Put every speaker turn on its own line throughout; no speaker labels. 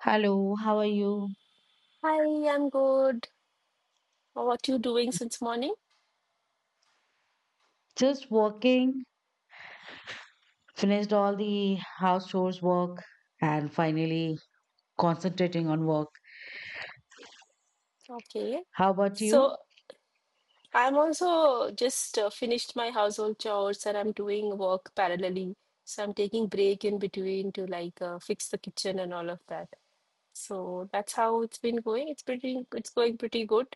Hello, how are you?
Hi, I'm good. What you doing since morning?
Just working, finished all the house chores work, and finally concentrating on work.
Okay.
How about you?
So I'm also just finished my household chores, and I'm doing work parallelly. So I'm taking break in between to fix the kitchen and all of that. So that's how it's been going. It's going pretty good.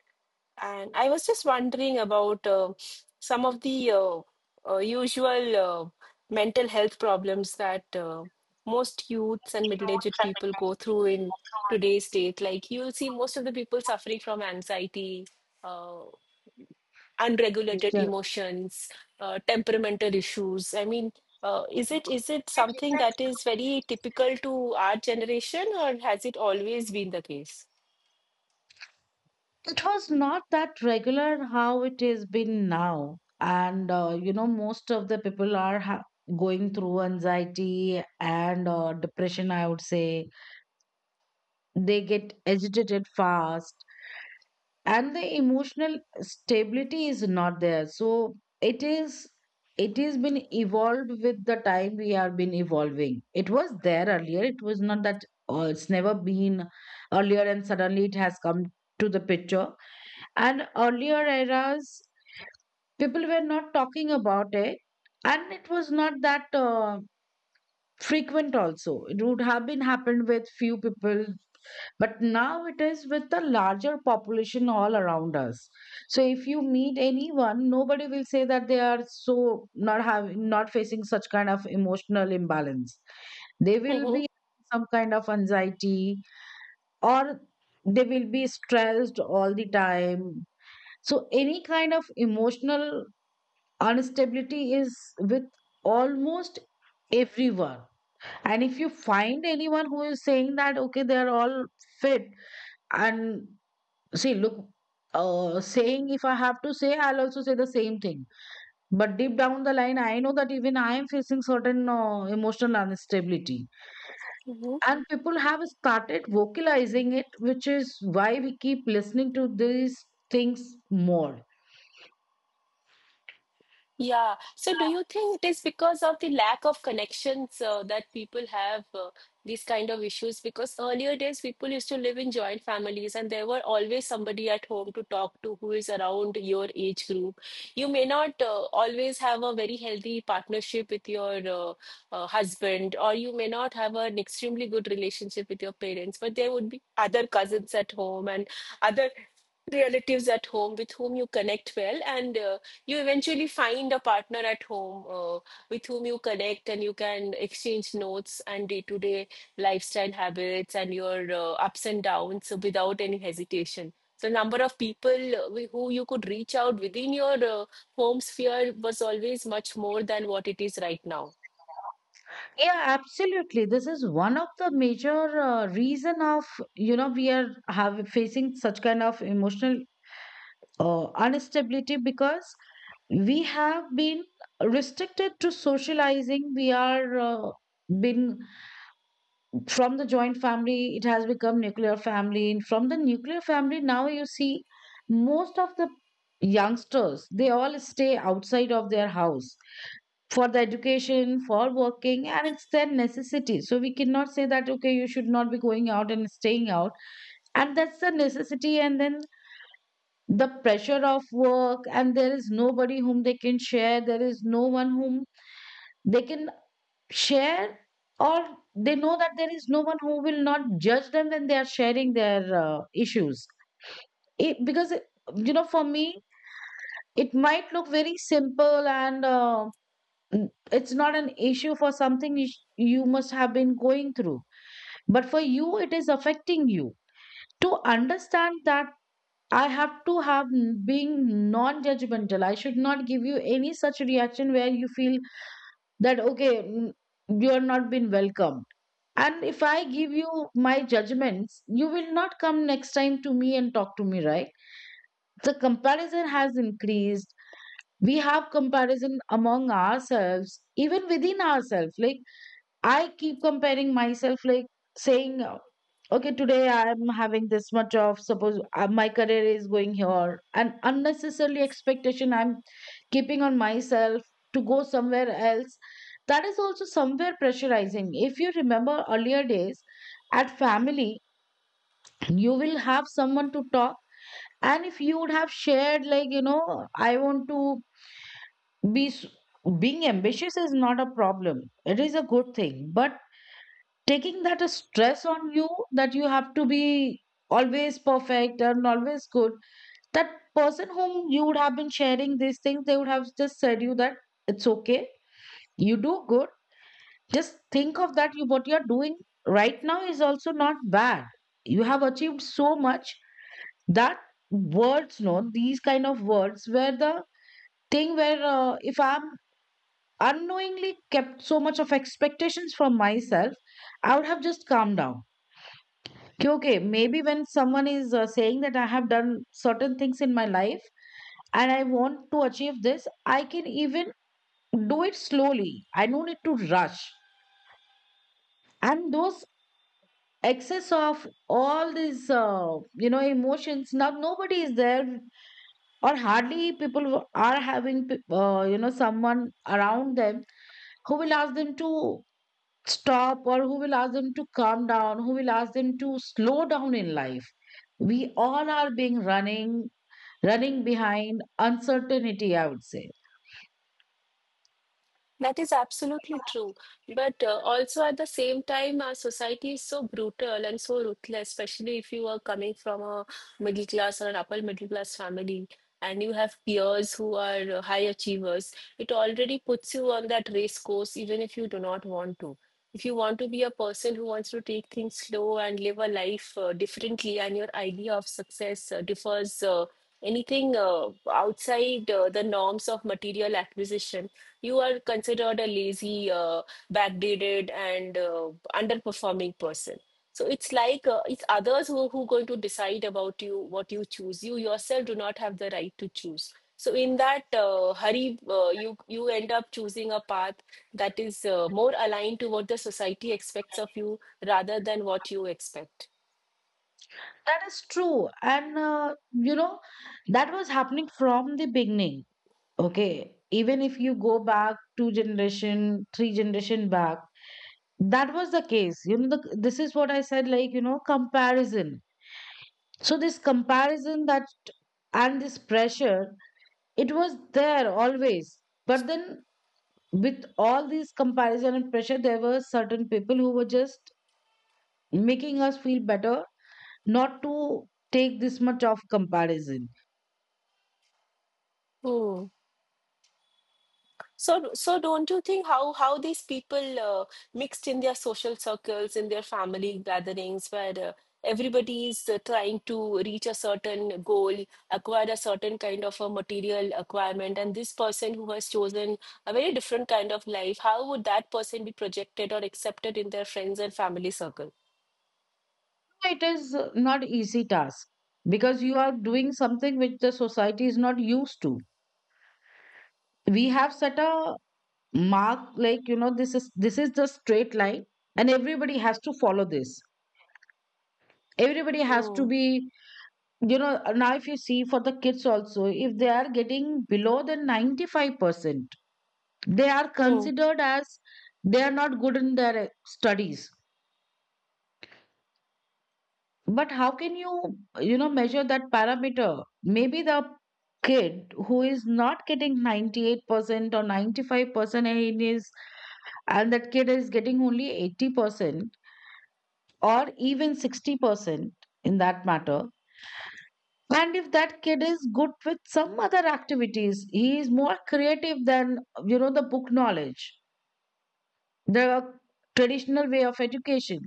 And I was just wondering about some of the usual mental health problems that most youths and middle-aged people go through in today's state. Like you'll see most of the people suffering from anxiety, uh, unregulated
Yeah,
emotions, temperamental issues. I mean, is it something that is very typical to our generation, or has it always been the case?
it was not that regular how it has been now. And you know, most of the people are ha going through anxiety and depression, I would say. They get agitated fast, and the emotional stability is not there. So it is, it has been evolved with the time. We have been evolving. It was there earlier. It was not that, oh, it's never been earlier and suddenly it has come to the picture. And earlier eras, people were not talking about it, and it was not that frequent also. It would have been happened with few people, but now it is with the larger population all around us. So if you meet anyone, nobody will say that they are so not having, not facing such kind of emotional imbalance. They will
Mm-hmm.
be some kind of anxiety, or they will be stressed all the time. So any kind of emotional instability is with almost everyone. And if you find anyone who is saying that, okay, they're all fit, and see, look, saying if I have to say, I'll also say the same thing. But deep down the line, I know that even I am facing certain emotional instability. And people have started vocalizing it, which is why we keep listening to these things more.
Yeah. So do you think it is because of the lack of connections that people have these kind of issues? Because earlier days, people used to live in joint families, and there were always somebody at home to talk to who is around your age group. You may not always have a very healthy partnership with your husband, or you may not have an extremely good relationship with your parents, but there would be other cousins at home and other relatives at home with whom you connect well, and you eventually find a partner at home with whom you connect and you can exchange notes and day-to-day lifestyle habits and your ups and downs without any hesitation. So, number of people who you could reach out within your home sphere was always much more than what it is right now.
Yeah, absolutely. This is one of the major reason of, you know, we are have facing such kind of emotional instability, because we have been restricted to socializing. We are been from the joint family. It has become nuclear family, and from the nuclear family now you see most of the youngsters, they all stay outside of their house for the education, for working, and it's their necessity. So we cannot say that okay, you should not be going out and staying out, and that's the necessity. And then the pressure of work, and there is nobody whom they can share, there is no one whom they can share, or they know that there is no one who will not judge them when they are sharing their issues. It, because you know, for me it might look very simple and it's not an issue for something you must have been going through, but for you it is affecting you. To understand that, I have to being non judgmental. I should not give you any such reaction where you feel that, okay, you are not been welcomed. And if I give you my judgments, you will not come next time to me and talk to me, right? The comparison has increased. We have comparison among ourselves, even within ourselves. Like, I keep comparing myself, like saying, okay, today I'm having this much of, suppose my career is going here, and unnecessarily expectation I'm keeping on myself to go somewhere else. That is also somewhere pressurizing. If you remember earlier days at family, you will have someone to talk. And if you would have shared, like, you know, I want to be s- being ambitious is not a problem, it is a good thing. But taking that a stress on you that you have to be always perfect and always good, that person whom you would have been sharing these things, they would have just said you that it's okay, you do good, just think of that you what you're doing right now is also not bad, you have achieved so much. That words, no, these kind of words were the thing where if I'm unknowingly kept so much of expectations from myself, I would have just calmed down. Okay, okay. Maybe when someone is saying that I have done certain things in my life and I want to achieve this, I can even do it slowly. I don't need to rush. And those excess of all these, you know, emotions. Now nobody is there, or hardly people who are having, you know, someone around them who will ask them to stop, or who will ask them to calm down, who will ask them to slow down in life. We all are being running behind uncertainty, I would say.
That is absolutely true. But also at the same time, our society is so brutal and so ruthless, especially if you are coming from a middle class or an upper middle class family, and you have peers who are high achievers. It already puts you on that race course, even if you do not want to. If you want to be a person who wants to take things slow and live a life differently, and your idea of success differs anything outside the norms of material acquisition, you are considered a lazy, backdated, and underperforming person. So it's like it's others who going to decide about you what you choose. You yourself do not have the right to choose. So in that hurry, you end up choosing a path that is more aligned to what the society expects of you rather than what you expect.
That is true. And, you know, that was happening from the beginning. Okay. Even if you go back two generation, three generation back, that was the case. You know, the, this is what I said, like, you know, comparison. So this comparison that, and this pressure, it was there always. But then with all these comparison and pressure, there were certain people who were just making us feel better, not to take this much of comparison.
Hmm. So, don't you think how these people mixed in their social circles, in their family gatherings, where everybody is trying to reach a certain goal, acquire a certain kind of a material acquirement, and this person who has chosen a very different kind of life, how would that person be projected or accepted in their friends and family circle?
It is not easy task, because you are doing something which the society is not used to. We have set a mark, like you know, this is the straight line, and everybody has to follow this. Everybody has to
Hmm.
be, you know, now if you see for the kids also, if they are getting below the 95%, they are
Hmm.
considered as they are not good in their studies. But how can you, you know, measure that parameter? Maybe the kid who is not getting 98% or 95%, and it is, and that kid is getting only 80% or even 60% in that matter. And if that kid is good with some other activities, he is more creative than, you know, the book knowledge, the traditional way of education,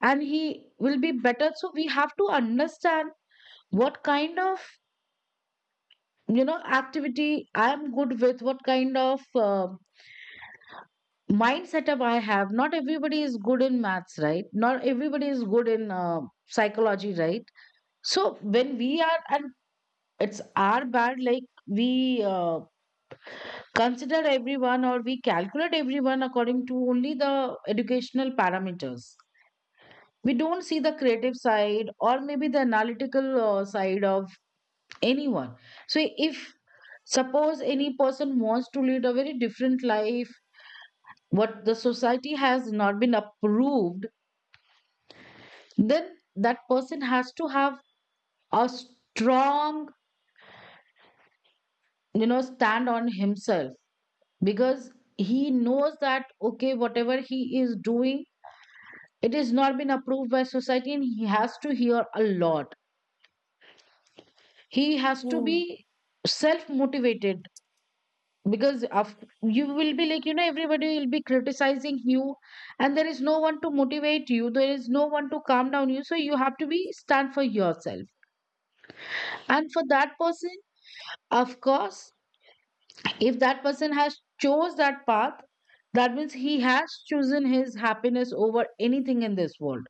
and he will be better. So we have to understand what kind of, you know, activity I am good with, what kind of mind setup I have. Not everybody is good in maths, right? Not everybody is good in psychology, right? So when we are, and it's our bad, like we consider everyone or we calculate everyone according to only the educational parameters. We don't see the creative side or maybe the analytical side of anyone. So if suppose any person wants to lead a very different life, what the society has not been approved, then that person has to have a strong, you know, stand on himself. Because he knows that okay, whatever he is doing, it is not been approved by society, and he has to hear a lot. He has to
Hmm.
be self motivated, because of, you will be, like you know, everybody will be criticizing you, and there is no one to motivate you, there is no one to calm down you. So you have to be stand for yourself. And for that person, of course, if that person has chose that path, that means he has chosen his happiness over anything in this world.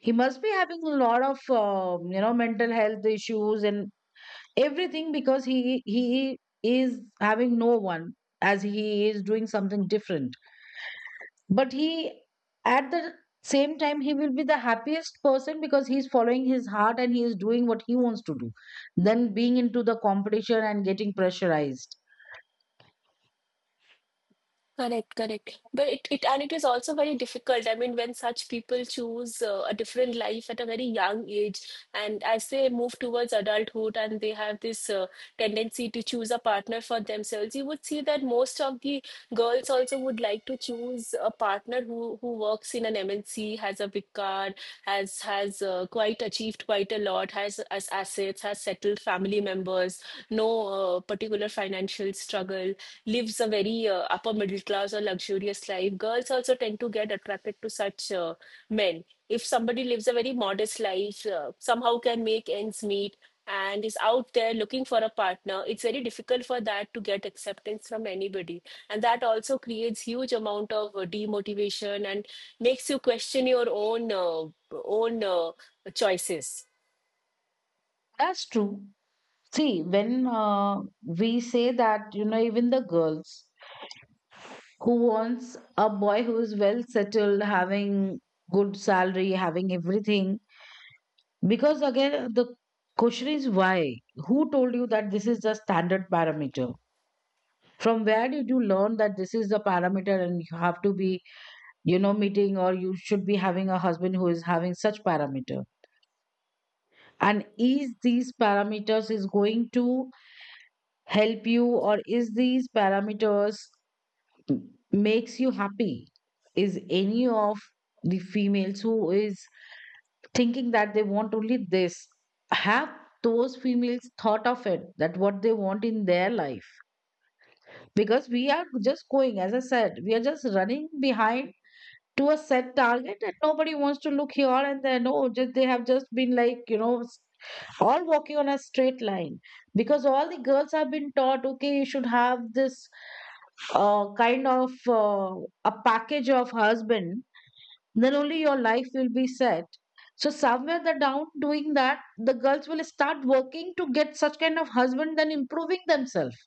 He must be having a lot of you know, mental health issues and everything, because he is having no one, as he is doing something different. But he at the same time he will be the happiest person, because he's following his heart and he is doing what he wants to do. Then being into the competition and getting pressurized.
Correct, correct. But it is also very difficult. I mean, when such people choose a different life at a very young age, and as they move towards adulthood and they have this tendency to choose a partner for themselves, you would see that most of the girls also would like to choose a partner who works in an MNC, has a big car, has quite achieved quite a lot, has assets, has settled family members, no particular financial struggle, lives a very upper middle class or luxurious life. Girls also tend to get attracted to such men. If somebody lives a very modest life, somehow can make ends meet, and is out there looking for a partner, it's very difficult for that to get acceptance from anybody. And that also creates huge amount of demotivation and makes you question your own choices.
That's true. See, when we say that, you know, even the girls who wants a boy who is well settled, having good salary, having everything, because again the question is why. Who told you that this is the standard parameter? From where did you learn that this is the parameter and you have to be, you know, meeting, or you should be having a husband who is having such parameter? And is these parameters is going to help you, or is these parameters makes you happy? Is any of the females who is thinking that they want only this have those females thought of it that what they want in their life? Because we are just going, as I said, we are just running behind to a set target and nobody wants to look here and there. No, just they have just been like, you know, all walking on a straight line, because all the girls have been taught, okay, you should have this kind of uh, a package of husband, then only your life will be set. So somewhere the down doing that, the girls will start working to get such kind of husband then improving themselves.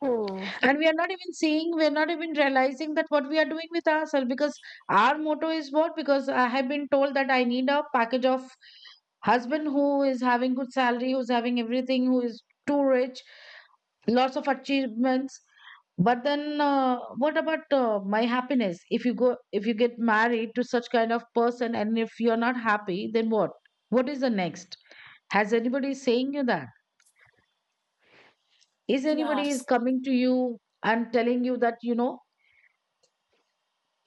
Hmm.
And we are not even seeing, we are not even realizing that what we are doing with ourselves, because our motto is what, because I have been told that I need a package of husband who is having good salary, who's having everything, who is too rich, lots of achievements. But then what about my happiness? If you go, if you get married to such kind of person and if you're not happy, then what? What is the next? Has anybody saying you that, is anybody is
Yes.
coming to you and telling you that, you know,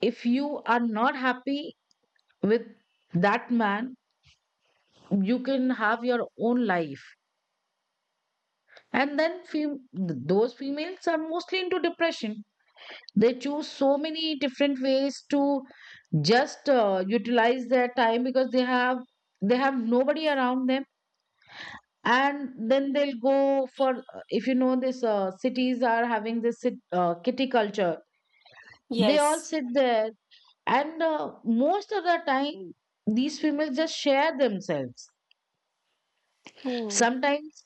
if you are not happy with that man, you can have your own life? And then those females are mostly into depression. They choose so many different ways to just utilize their time because they have, they have nobody around them. And then they'll go for, if you know, this cities are having this kitty culture. They all
Yes.
sit there, and most of the time these females just share themselves.
Hmm.
Sometimes,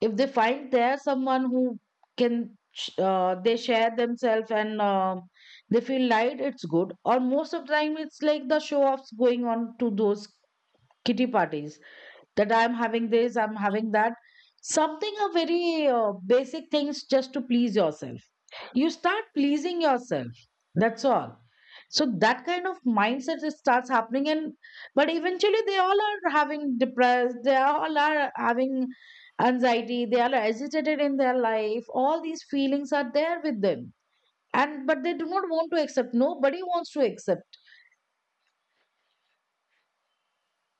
if they find there someone who can, they share themselves, and they feel light, it's good. Or most of the time, it's like the show offs going on to those kitty parties, that I'm having this, I'm having that. Something a very basic things, just to please yourself, you start pleasing yourself, that's all. So that kind of mindset it starts happening, and but eventually they all are having depressed, they all are having anxiety, they are agitated in their life, all these feelings are there with them. And but they do not want to accept, nobody wants to accept.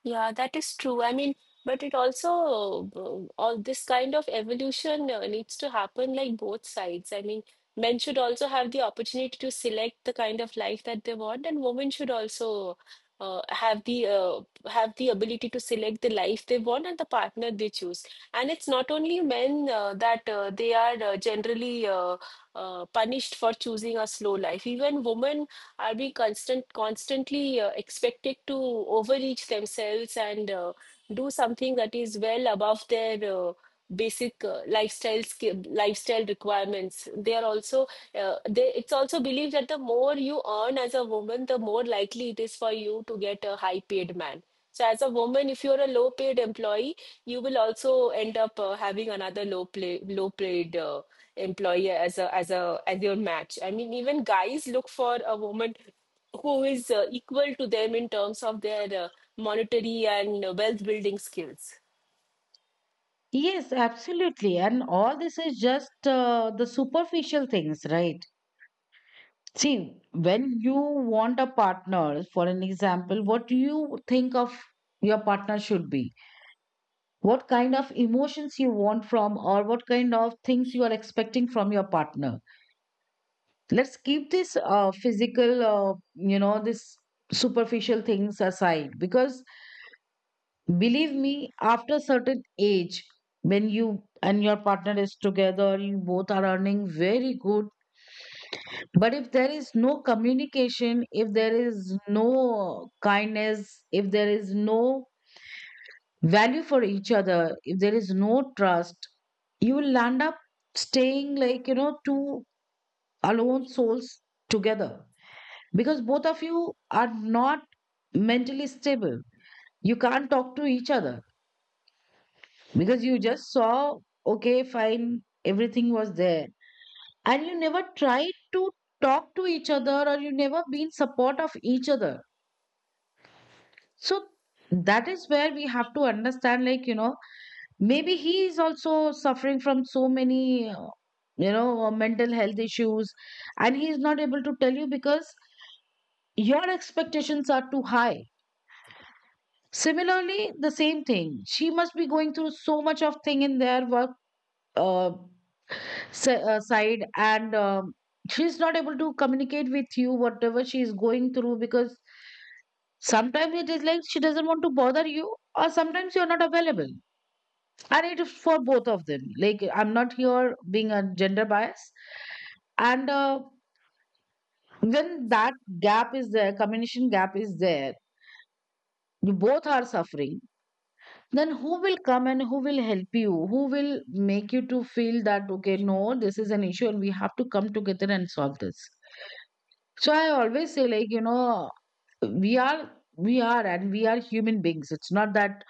Yeah, that is true. I mean, but it also, all this kind of evolution needs to happen like both sides. I mean, men should also have the opportunity to select the kind of life that they want, and women should also uh, have the uh, have the ability to select the life they want and the partner they choose. And it's not only men that they are generally punished for choosing a slow life. Even women are being constantly expected to overreach themselves and do something that is well above their basic lifestyle skill, lifestyle requirements. They are also it's also believed that the more you earn as a woman, the more likely it is for you to get a high paid man. So, as a woman, if you're a low paid employee, you will also end up having another low paid employee as a as a as your match. I mean, even guys look for a woman who is equal to them in terms of their monetary and wealth building skills.
Yes, absolutely. And all this is just the superficial things, right? See, when you want a partner, for an example, what do you think of your partner should be? What kind of emotions you want from, or what kind of things you are expecting from your partner? Let's keep this physical, you know, this superficial things aside, because believe me, after a certain age, when you and your partner is together, you both are earning very good. But if there is no communication, if there is no kindness, if there is no value for each other, if there is no trust, you will end up staying like, you know, two alone souls together, because both of you are not mentally stable. You can't talk to each other because you just saw, okay, fine, everything was there. And you never tried to talk to each other, or you never been support of each other. So that is where we have to understand, like, you know, maybe he is also suffering from so many, you know, mental health issues, and he is not able to tell you because your expectations are too high. Similarly, the same thing. She must be going through so much of thing in their work uh, side, and she's not able to communicate with you whatever she is going through, because sometimes it is like she doesn't want to bother you, or sometimes you're not available. And it is for both of them, like I'm not here being a gender bias. And when that gap is there, communication gap is there, you both are suffering. Then who will come and who will help you, who will make you to feel that, okay, no, this is an issue and we have to come together and solve this? So I always say, like, you know, we are we are human beings. It's not that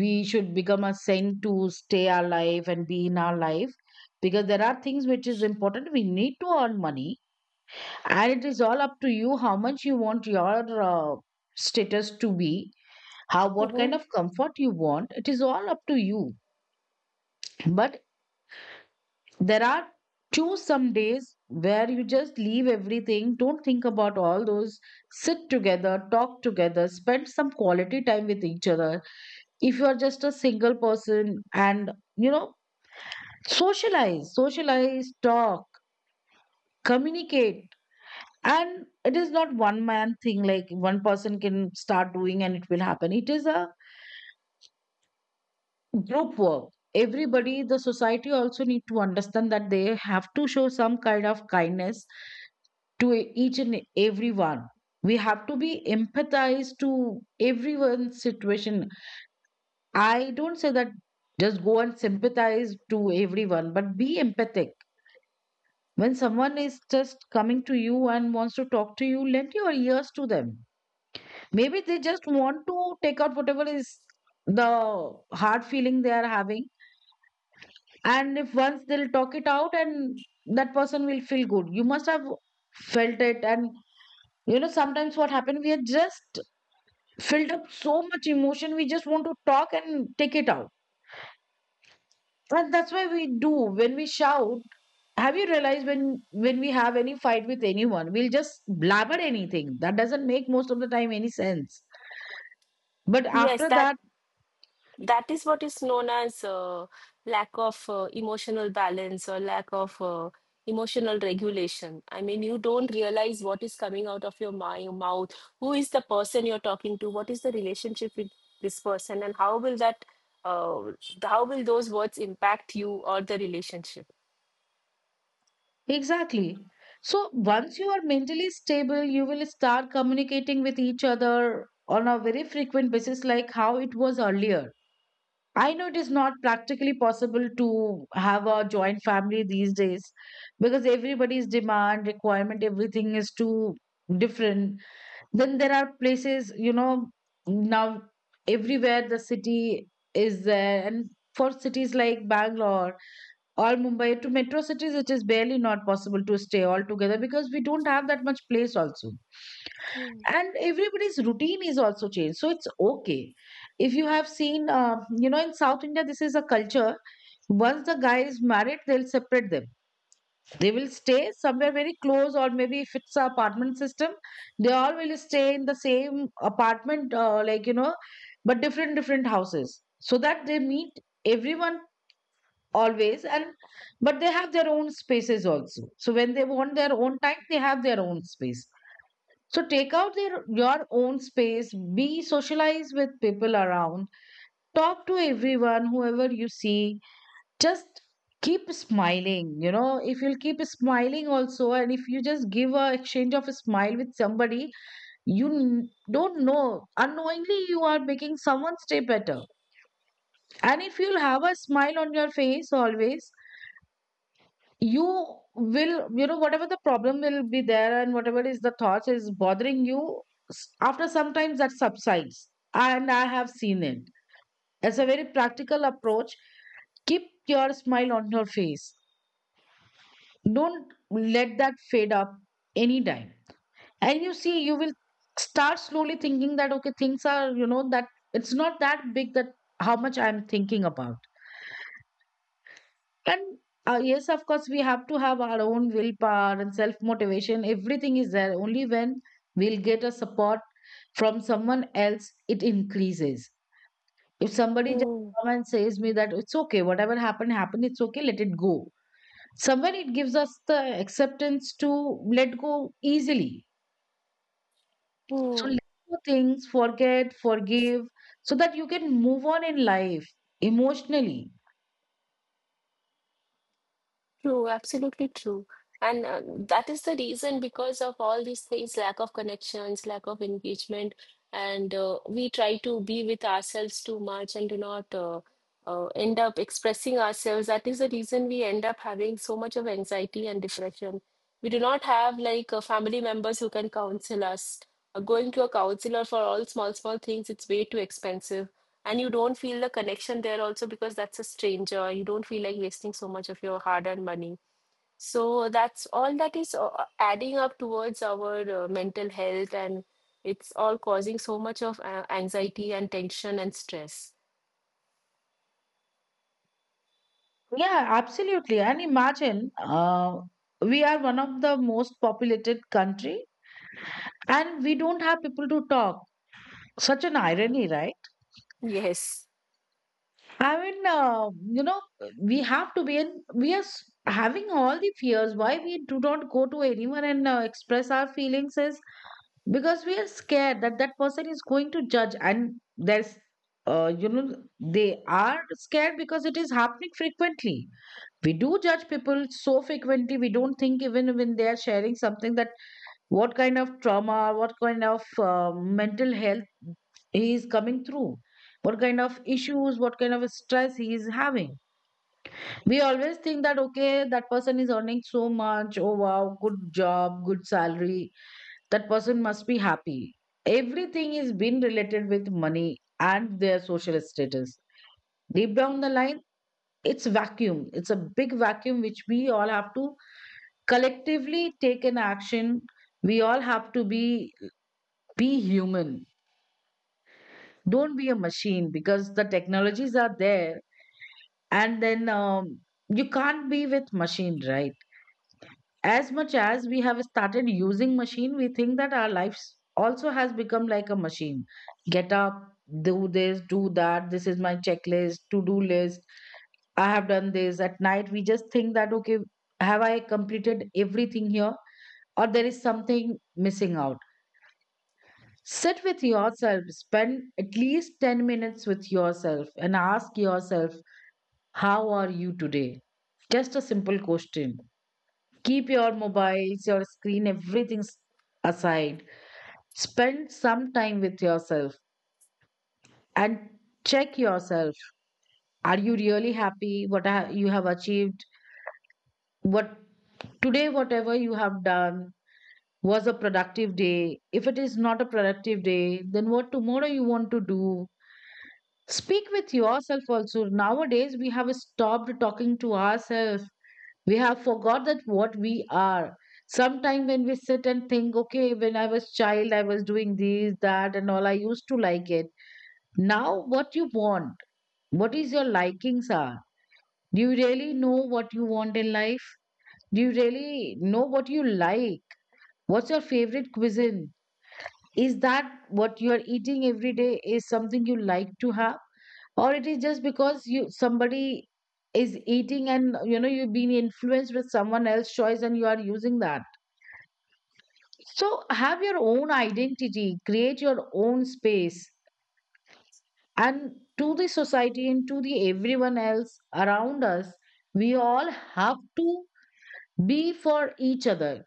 we should become a saint to stay alive and be in our life, because there are things which is important, we need to earn money. And it is all up to you how much you want your status to be, how, what
Mhm.
kind of comfort you want, it is all up to you. But there are, choose some days where you just leave everything, don't think about all those, sit together, talk together, spend some quality time with each other. If you are just a single person and, you know, socialize, socialize, talk, communicate. And it is not one man thing, like one person can start doing and it will happen. It is a group work. Everybody, the society also need to understand that they have to show some kind of kindness to each and everyone. We have to be empathized to everyone's situation. I don't say that just go and sympathize to everyone, but be empathic. When someone is just coming to you and wants to talk to you, lend your ears to them. Maybe they just want to take out whatever is the hard feeling they are having. And if once they'll talk it out, and that person will feel good. You must have felt it. And, you know, sometimes what happened, we are just filled up so much emotion, we just want to talk and take it out. And that's why we do when we shout. Have you realized when we have any fight with anyone, we'll just blabber anything that doesn't make most of the time any sense, but
Yes,
after
that
that,
That is what is known as lack of emotional balance or lack of emotional regulation. I mean, you don't realize what is coming out of your mouth, who is the person you're talking to, what is the relationship with this person, and how will that, uh, how will those words impact you or the relationship?
exactly. So once you are mentally stable, you will start communicating with each other on a very frequent basis, like how it was earlier. I know it is not practically possible to have a joint family these days, because everybody's demand, requirement, everything is too different. Then there are places, you know, now, everywhere the city is there, and for cities like Bangalore or Mumbai to metro cities, it is barely not possible to stay altogether because we don't have that much place also.
Hmm.
And everybody's routine is also changed, so it's okay. If you have seen, you know, in South India, this is a culture. Once the guy is married, they'll separate them. They will stay somewhere very close, or maybe if it's a apartment system, they all will stay in the same apartment, like you know, but different different houses, so that they meet everyone always. And but they have their own spaces also, so when they want their own time, they have their own space. So take out their, your own space, be socialize with people around, talk to everyone, whoever you see, just keep smiling. You know, if you'll keep smiling also, and if you just give a exchange of a smile with somebody, you don't know, unknowingly you are making someone's day better. And if you'll have a smile on your face always, you will, you know, whatever the problem will be there and whatever is the thoughts is bothering you, after sometimes that subsides. And I have seen it, it's a very practical approach. Keep your smile on your face, don't let that fade up anytime. And you see, you will start slowly thinking that, okay, things are, you know, that it's not that big that how much I'm thinking about. And yes, of course, we have to have our own willpower and self motivation. Everything is there. Only when we'll get a support from someone else, it increases. If somebody just
Hmm.
come and says me that it's okay, whatever happened, happened, it's okay, let it go. Somewhere it gives us the acceptance to let go easily. So
Hmm.
let go things, forget, forgive, so that you can move on in life emotionally.
True, absolutely true. And that is the reason, because of all these things, lack of connections, lack of engagement, and we try to be with ourselves too much and do not end up expressing ourselves. That is the reason we end up having so much of anxiety and depression. We do not have like family members who can counsel us. Going to a counselor for all small, small things, it's way too expensive. And you don't feel the connection there also, because that's a stranger. You don't feel like wasting so much of your hard-earned money. So that's all that is adding up towards our mental health, and it's all causing so much of anxiety and tension and stress.
Yeah, absolutely. And imagine, we are one of the most populated country and we don't have people to talk. Such an irony, right?
Yes.
I mean, you know, we have to be in, we are s- having all the fears. Why we do not go to anyone and express our feelings is because we are scared that that person is going to judge. And there's you know, they are scared because it is happening frequently. We do judge people so frequently, we don't think even when they are sharing something that what kind of trauma, what kind of mental health he is coming through, what kind of issues, what kind of stress he is having. We always think that, okay, that person is earning so much, oh wow, good job, good salary, that person must be happy. Everything is being related with money and their social status. Deep down the line, it's vacuum. It's a big vacuum which we all have to collectively take an action. We all have to be human. Don't be a machine, because the technologies are there, and then you can't be with machine, right? As much as we have started using machine, we think that our lives also has become like a machine. Get up, do this, do that, this is my checklist, to do list. I have done this. At night we just think that, okay, have I completed everything here, or there is something missing out. Sit with yourself, spend at least 10 minutes with yourself and ask yourself, how are you today? Just a simple question. Keep your mobiles, your screen, everything aside. Spend some time with yourself and check yourself. Are you really happy? What you have achieved? What today, whatever you have done, was a productive day? If it is not a productive day, then what tomorrow you want to do? Speak with yourself also. Nowadays, we have stopped talking to ourselves. We have forgot that what we are. Sometime when we sit and think, okay, when I was child, I was doing this, that, and all, I used to like it. Now, what you want? What is your likings are? Do you really know what you want in life? Do you really know what you like? What's your favorite cuisine? Is that what you are eating every day? Is something you like to have? Or it is just because you, somebody is eating and you know you've been influenced with someone else's choice and you are using that. So have your own identity, create your own space. And to the society and to the everyone else around us, we all have to be for each other.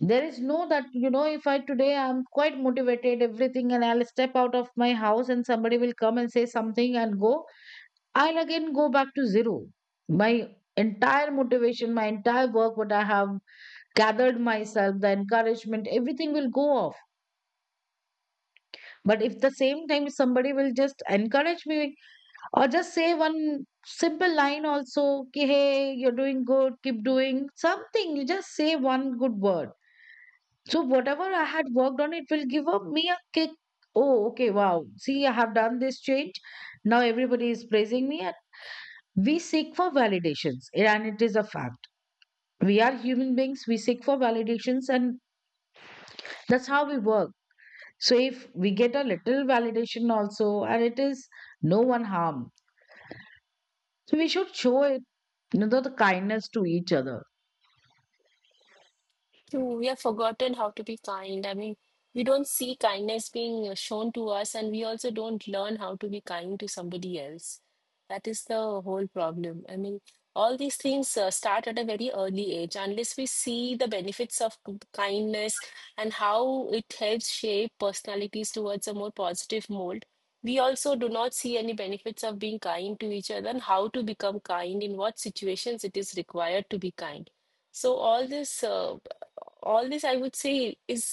There is no that, you know, if I today I'm quite motivated, everything, and I'll step out of my house and somebody will come and say something and go, I'll again go back to zero. My entire motivation, my entire work, what I have gathered myself, the encouragement, everything will go off. But if the same time somebody will just encourage me or just say one simple line also, ki, hey, you're doing good, keep doing something, you just say one good word. So whatever I had worked on, it will give up me a kick. Oh, okay, wow. See, I have done this change, now everybody is praising me. And we seek for validations, and it is a fact. We are human beings, we seek for validations, and that's how we work. So if we get a little validation also, and it is no one harm. So we should show it, you know, the kindness to each other.
True, we have forgotten how to be kind. I mean, we don't see kindness being shown to us, and we also don't learn how to be kind to somebody else. That is the whole problem. I mean, all these things start at a very early age. Unless we see the benefits of kindness and how it helps shape personalities towards a more positive mold, we also do not see any benefits of being kind to each other and how to become kind, in what situations it is required to be kind. So all this I would say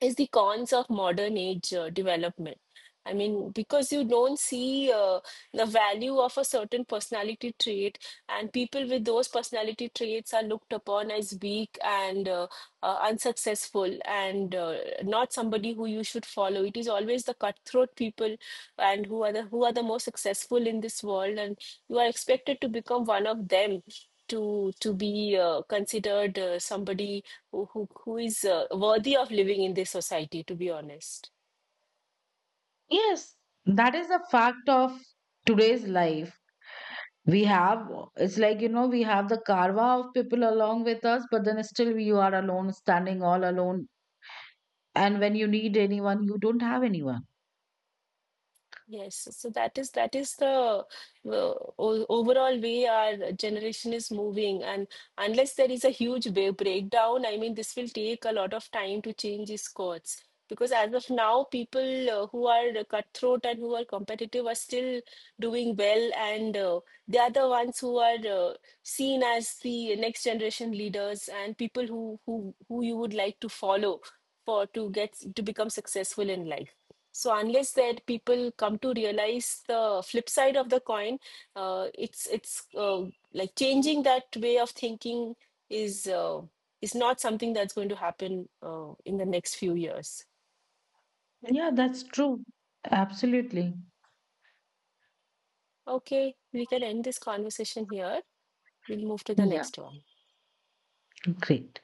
is the cons of modern age development. I mean, because you don't see the value of a certain personality trait, and people with those personality traits are looked upon as weak and unsuccessful and not somebody who you should follow. It is always the cutthroat people and who are the most successful in this world, and you are expected to become one of them to to be considered somebody who is worthy of living in this society, to be honest.
Yes, that is a fact of today's life. We have, it's like, you know, we have the karma of people along with us, but then still you are alone, standing all alone. And when you need anyone, you don't have anyone.
Yes, so that is the overall way our generation is moving, and unless there is a huge breakdown, I mean, this will take a lot of time to change its course. Because as of now, people who are cutthroat and who are competitive are still doing well, and they are the ones who are seen as the next generation leaders and people who you would like to follow for to get to become successful in life. So unless that people come to realize the flip side of the coin, it's like changing that way of thinking is uh, is not something that's going to happen in the next few years.
Yeah, that's true. Absolutely.
Okay, we can end this conversation here. We'll move to the
Yeah.
next one.
Great.